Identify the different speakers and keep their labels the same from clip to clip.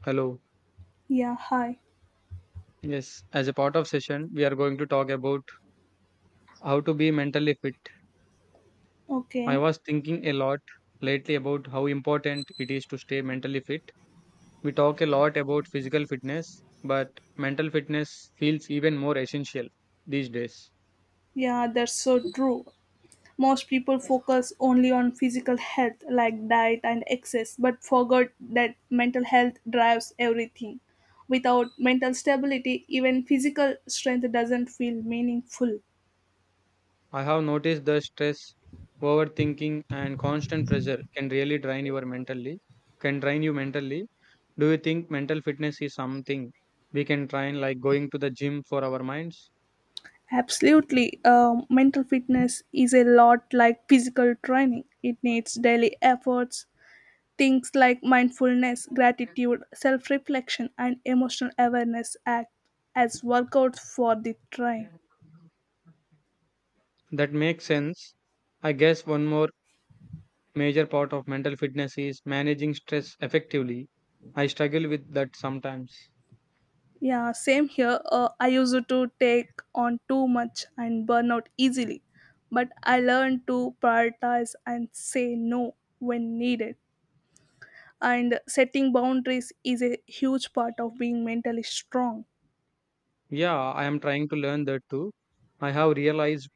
Speaker 1: Hello.
Speaker 2: Yeah, hi.
Speaker 1: Yes, as a part of session, we are going to talk about how to be mentally fit. I
Speaker 2: Okay.
Speaker 1: was thinking a lot lately about how important it is to stay mentally fit. We talk a lot about physical fitness, but mental fitness feels even more essential these days.
Speaker 2: Yeah, that's so true. Most people focus only on physical health, like diet and exercise, but forget that mental health drives everything. Without mental stability, even physical strength doesn't feel meaningful.
Speaker 1: I have noticed the stress, overthinking, and constant pressure can really can drain you mentally. Do you think mental fitness is something we can train like going to the gym for our minds?
Speaker 2: Absolutely. Mental fitness is a lot like physical training. It needs daily efforts. Things like mindfulness, gratitude, self reflection, and emotional awareness act as workouts for the train.
Speaker 1: That makes sense. I guess one more major part of mental fitness is managing stress effectively. I struggle with that sometimes.
Speaker 2: Yeah, same here. I used to take on too much and burn out easily, but I learned to prioritize and say no when needed. And setting boundaries is a huge part of being mentally strong.
Speaker 1: Yeah, I am trying to learn that too. I have realized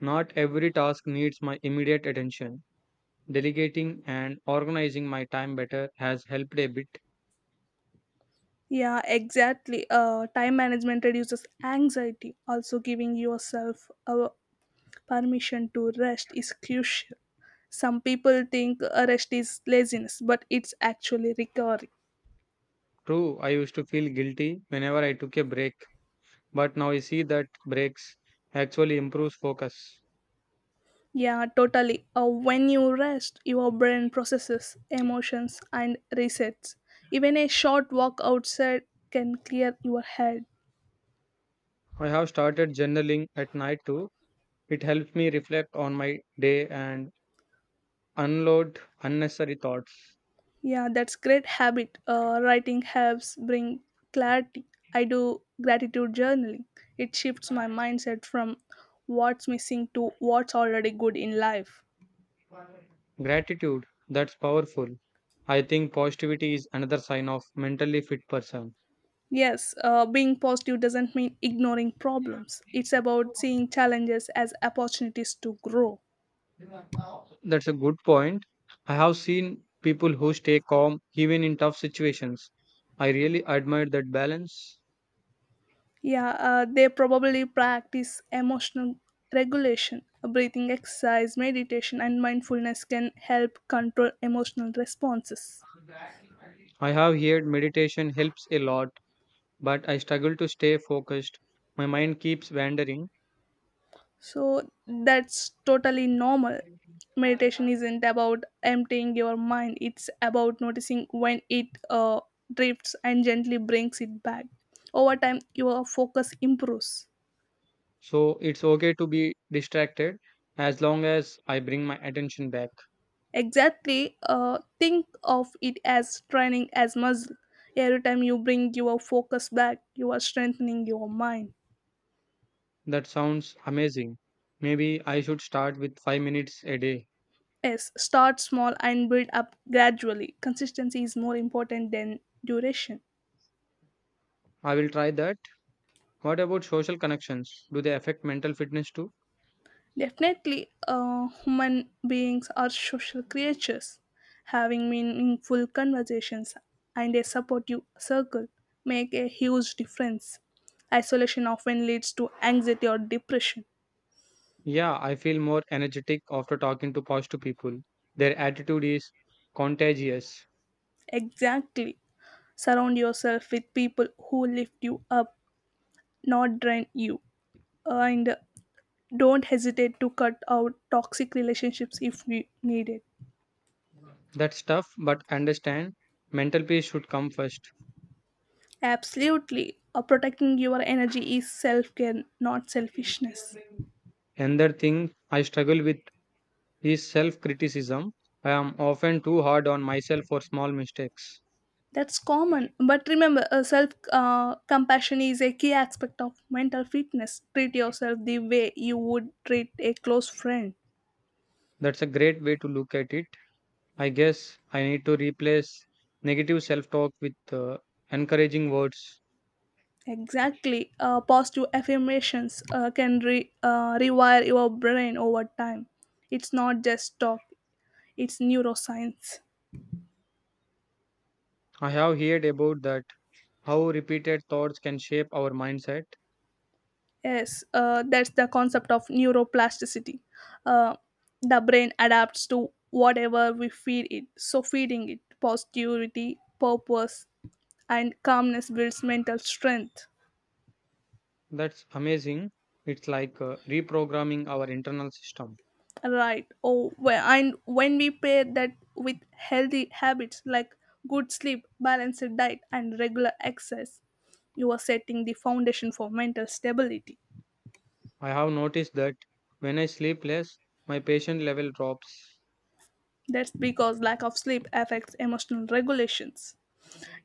Speaker 1: not every task needs my immediate attention. Delegating and organizing my time better has helped a bit.
Speaker 2: Yeah, exactly. Time management reduces anxiety. Also, giving yourself a permission to rest is crucial. Some people think rest is laziness, but it's actually recovery.
Speaker 1: True, I used to feel guilty whenever I took a break, but now I see that breaks actually improves focus.
Speaker 2: Yeah, totally. When you rest, your brain processes emotions and resets. Even a short walk outside can clear your head.
Speaker 1: I have started journaling at night too. It helps me reflect on my day and unload unnecessary thoughts.
Speaker 2: Yeah, that's great habit. Writing helps bring clarity. I do gratitude journaling. It shifts my mindset from what's missing to what's already good in life.
Speaker 1: Gratitude, that's powerful. I think positivity is another sign of mentally fit person.
Speaker 2: Yes, being positive doesn't mean ignoring problems. It's about seeing challenges as opportunities to grow.
Speaker 1: That's a good point. I have seen people who stay calm even in tough situations. I really admire that balance.
Speaker 2: Yeah, they probably practice emotional regulation. Breathing exercise, meditation, and mindfulness can help control emotional responses.
Speaker 1: I have heard meditation helps a lot, but I struggle to stay focused. My mind keeps wandering,
Speaker 2: So that's totally normal. Meditation isn't about emptying your mind, it's about noticing when it drifts and gently brings it back. Over time, your focus improves.
Speaker 1: so it's okay to be distracted as long as I bring my attention back.
Speaker 2: Exactly. Think of it as training as muscle. Every time you bring your focus back, you are strengthening your mind.
Speaker 1: That sounds amazing. Maybe I should start with 5 minutes a day.
Speaker 2: Yes, start small and build up gradually. Consistency is more important than duration.
Speaker 1: I will try that. What about social connections? Do they affect mental fitness too?
Speaker 2: Definitely. Human beings are social creatures. Having meaningful conversations and a supportive circle make a huge difference. Isolation often leads to anxiety or depression.
Speaker 1: Yeah, I feel more energetic after talking to positive people. Their attitude is contagious.
Speaker 2: Exactly. Surround yourself with people who lift you up, not drain you. And don't hesitate to cut out toxic relationships if needed.
Speaker 1: That's tough, but understand mental peace should come first.
Speaker 2: Absolutely. Protecting your energy is self care, not selfishness.
Speaker 1: Another thing I struggle with is self criticism. I am often too hard on myself for small mistakes.
Speaker 2: That's common. But remember, self compassion is a key aspect of mental fitness. Treat yourself the way you would treat a close friend.
Speaker 1: That's a great way to look at it. I guess I need to replace negative self talk with encouraging words.
Speaker 2: Exactly. Positive affirmations can rewire your brain over time. It's not just talk, it's neuroscience.
Speaker 1: I have heard about that, how repeated thoughts can shape our mindset.
Speaker 2: Yes, that's the concept of neuroplasticity. Uh, the brain adapts to whatever we feed it. So, feeding it positivity, purpose, and calmness builds mental strength.
Speaker 1: That's amazing. It's like reprogramming our internal system.
Speaker 2: Right. Oh, well, and when we pair that with healthy habits like good sleep, balanced diet, and regular exercise, you are setting the foundation for mental stability.
Speaker 1: I have noticed that when I sleep less, my patient level drops.
Speaker 2: That's because lack of sleep affects emotional regulations.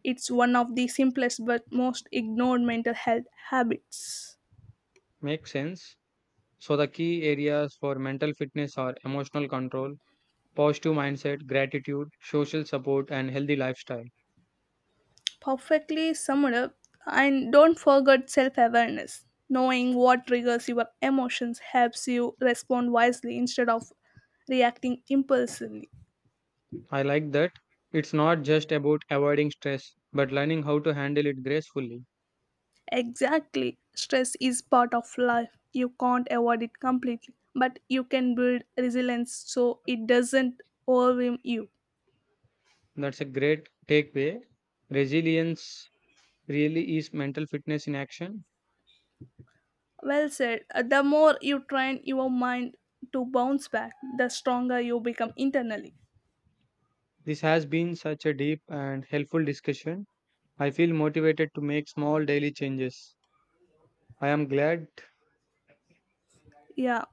Speaker 2: It's one of the simplest but most ignored mental health habits.
Speaker 1: Makes sense. So, the key areas for mental fitness are emotional control, positive mindset, gratitude, social support, and healthy lifestyle.
Speaker 2: Perfectly summed up. And don't forget self awareness. Knowing what triggers your emotions helps you respond wisely instead of reacting impulsively.
Speaker 1: I like that. It's not just about avoiding stress, but learning how to handle it gracefully.
Speaker 2: Exactly. Stress is part of life. You can't avoid it completely, but you can build resilience so it doesn't overwhelm you.
Speaker 1: That's a great takeaway. Resilience really is mental fitness in action.
Speaker 2: Well said. The more you train your mind to bounce back, the stronger you become internally.
Speaker 1: This has been such a deep and helpful discussion. I feel motivated to make small daily changes. I am glad
Speaker 2: Yeah.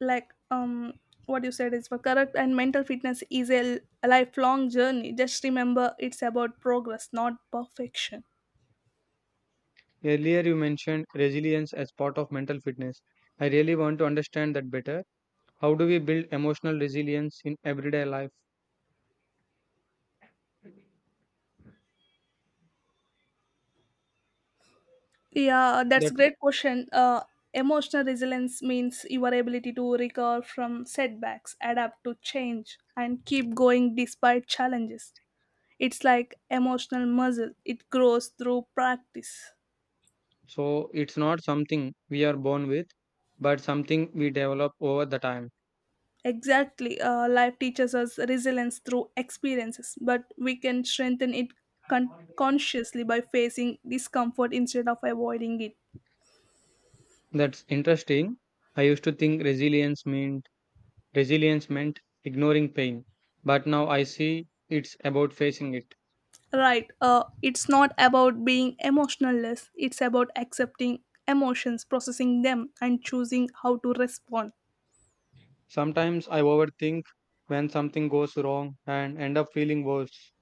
Speaker 2: like um what you said is for correct, and mental fitness is a lifelong journey. Just remember, it's about progress, not perfection.
Speaker 1: earlier you mentioned resilience as part of mental fitness. I really want to understand that better. How do we build emotional resilience in everyday life?
Speaker 2: Yeah, that's
Speaker 1: That's.
Speaker 2: great question. Emotional resilience means your ability to recover from setbacks, adapt to change, and keep going despite challenges. It's like emotional muscle, it grows through practice.
Speaker 1: So it's not something we are born with, but something we develop over the time.
Speaker 2: Exactly. Life teaches us resilience through experiences, but we can strengthen it consciously by facing discomfort instead of avoiding it.
Speaker 1: That's interesting. I used to think resilience meant ignoring pain, but now I see it's about facing it.
Speaker 2: Right. It's not about being emotionless, it's about accepting emotions, processing them, and choosing how to respond.
Speaker 1: Sometimes I overthink when something goes wrong and end up feeling worse.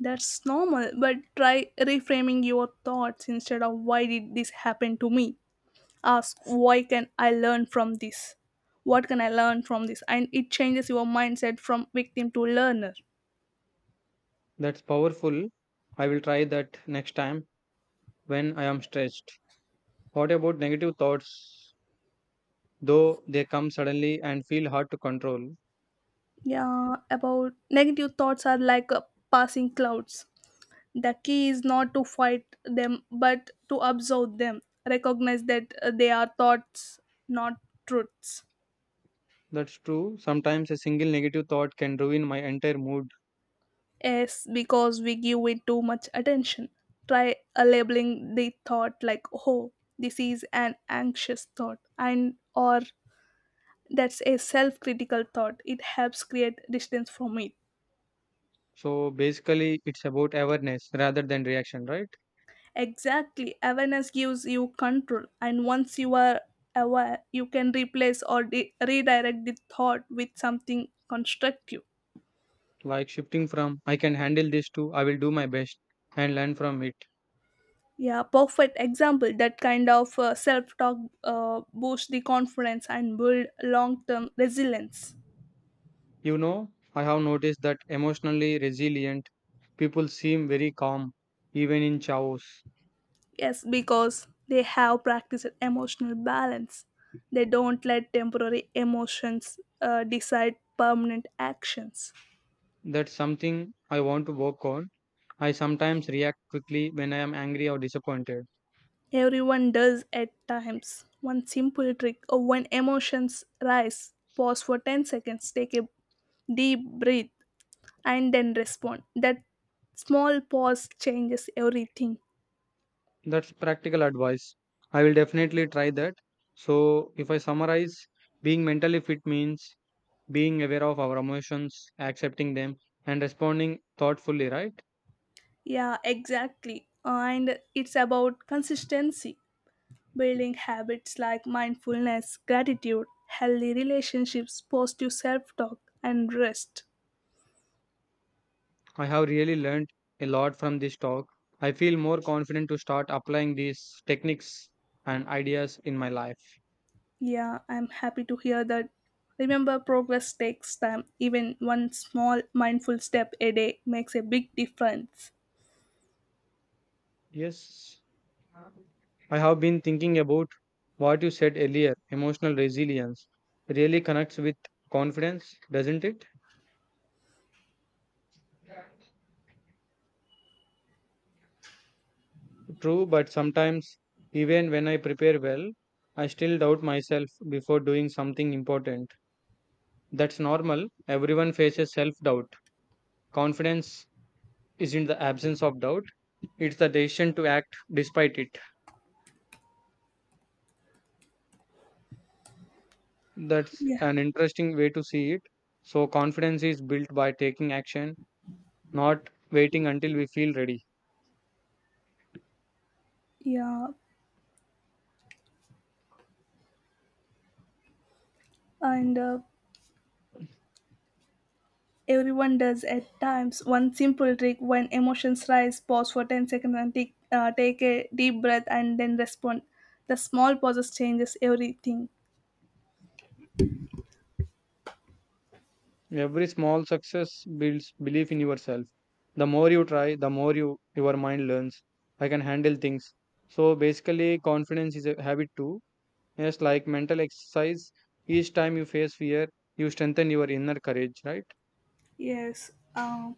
Speaker 2: That's normal, but try reframing your thoughts. Instead of why did this happen to me, ask why can I learn from this what can I learn from this? And it changes your mindset from victim to learner.
Speaker 1: That's powerful. I will try that next time when I am stressed. What about negative thoughts? Though they come suddenly and feel hard to control.
Speaker 2: Yeah, about negative thoughts, are like passing clouds, the key is not to fight them but to observe them, recognize that they are thoughts, not truths.
Speaker 1: That's true. Sometimes a single negative thought can ruin my entire mood.
Speaker 2: Yes, because we give it too much attention. Try labeling the thought, like, oh, this is an anxious thought. And or that's a self critical thought. It helps create distance from it.
Speaker 1: So basically, it's about awareness rather than reaction, right?
Speaker 2: Exactly. Awareness gives you control, and once you are aware, you can replace or redirect the thought with something constructive.
Speaker 1: Like shifting from I can handle this to I will do my best and learn from it.
Speaker 2: Yeah, perfect example. That kind of self talk boosts the confidence and build long term resilience.
Speaker 1: You know, I have noticed that emotionally resilient people seem very calm, even in chaos.
Speaker 2: Yes, because they have practiced emotional balance. They don't let temporary emotions decide permanent actions.
Speaker 1: That's something I want to work on. I sometimes react quickly when I am angry or disappointed.
Speaker 2: Everyone does at times. One simple trick or when emotions rise, pause for 10 seconds, take a deep breath, and then respond. That small pause changes everything.
Speaker 1: That's practical advice. I will definitely try that. So, if I summarize, being mentally fit means being aware of our emotions, accepting them, and responding thoughtfully, right?
Speaker 2: Yeah, exactly. And it's about consistency, building habits like mindfulness, gratitude, healthy relationships, positive self talk, and rest.
Speaker 1: I have really learned a lot from this talk. I feel more confident to start applying these techniques and ideas in my life.
Speaker 2: Yeah, I'm happy to hear that. Remember, progress takes time. Even one small mindful step a day makes a big difference.
Speaker 1: Yes. I have been thinking about what you said earlier emotional resilience really connects with confidence, doesn't it? True, but sometimes, even when I prepare well, I still doubt myself before doing something important. That's normal. Everyone faces self doubt. Confidence isn't the absence of doubt, it's the decision to act despite it. That's
Speaker 2: Yeah,
Speaker 1: an interesting way to see it. So, confidence is built by taking action, not waiting until we feel ready.
Speaker 2: yeah. And everyone does at times. One simple trick, when emotions rise, pause for 10 seconds and take, take a deep breath, and then respond. The small pauses changes everything.
Speaker 1: Every small success builds belief in yourself. The more you try, the more your mind learns. I can handle things. So basically, confidence is a habit too. Yes, like mental exercise. Each time you face fear, you strengthen your inner courage. Right?
Speaker 2: Yes.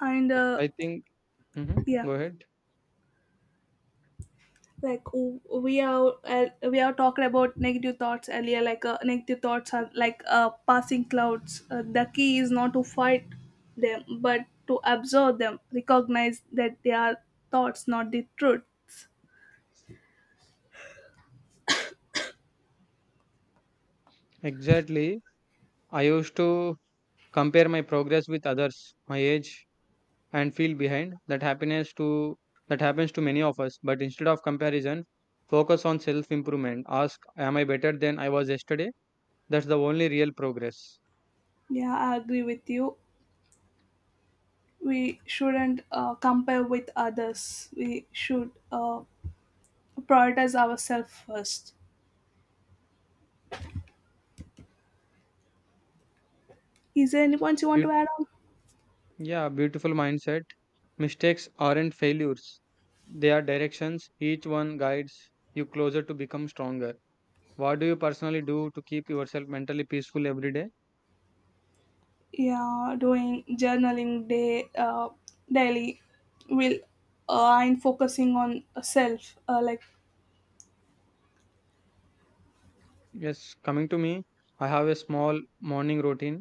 Speaker 2: And
Speaker 1: I think.
Speaker 2: yeah.
Speaker 1: Go ahead.
Speaker 2: We are talking about negative thoughts earlier, like negative thoughts are like passing clouds. The key is not to fight them but to observe them, recognize that they are thoughts, not the truths.
Speaker 1: Exactly. I used to compare my progress with others my age and feel behind that happens to many of us but instead of comparison focus on self improvement ask am I better than I was yesterday that's the only real progress.
Speaker 2: Yeah, I agree with you. We shouldn't compare with others. We should prioritize ourselves first. Is there anyone you want to
Speaker 1: Beaut-
Speaker 2: add on?
Speaker 1: yeah, beautiful mindset. Mistakes aren't failures, they are directions, each one guides you closer to become stronger. What do you personally do to keep yourself mentally peaceful every day?
Speaker 2: Yeah, doing journaling day daily will, and focusing on self like,
Speaker 1: Yes, coming to me, I have a small morning routine.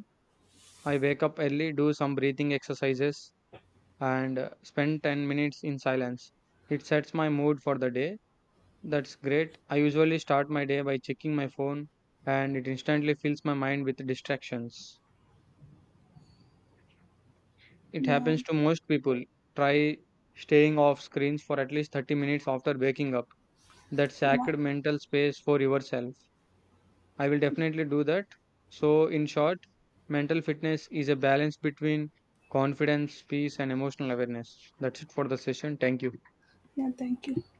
Speaker 1: I wake up early, do some breathing exercises, and spend 10 minutes in silence. It sets my mood for the day. That's great. I usually start my day by checking my phone and it instantly fills my mind with distractions. It
Speaker 2: yeah,
Speaker 1: happens to most people. Try staying off screens for at least 30 minutes after waking up. That
Speaker 2: yeah.
Speaker 1: sacred mental space for yourself. I will definitely do that. So, in short, mental fitness is a balance between confidence, peace, and emotional awareness. That's it for the session. Thank you.
Speaker 2: Yeah, thank you.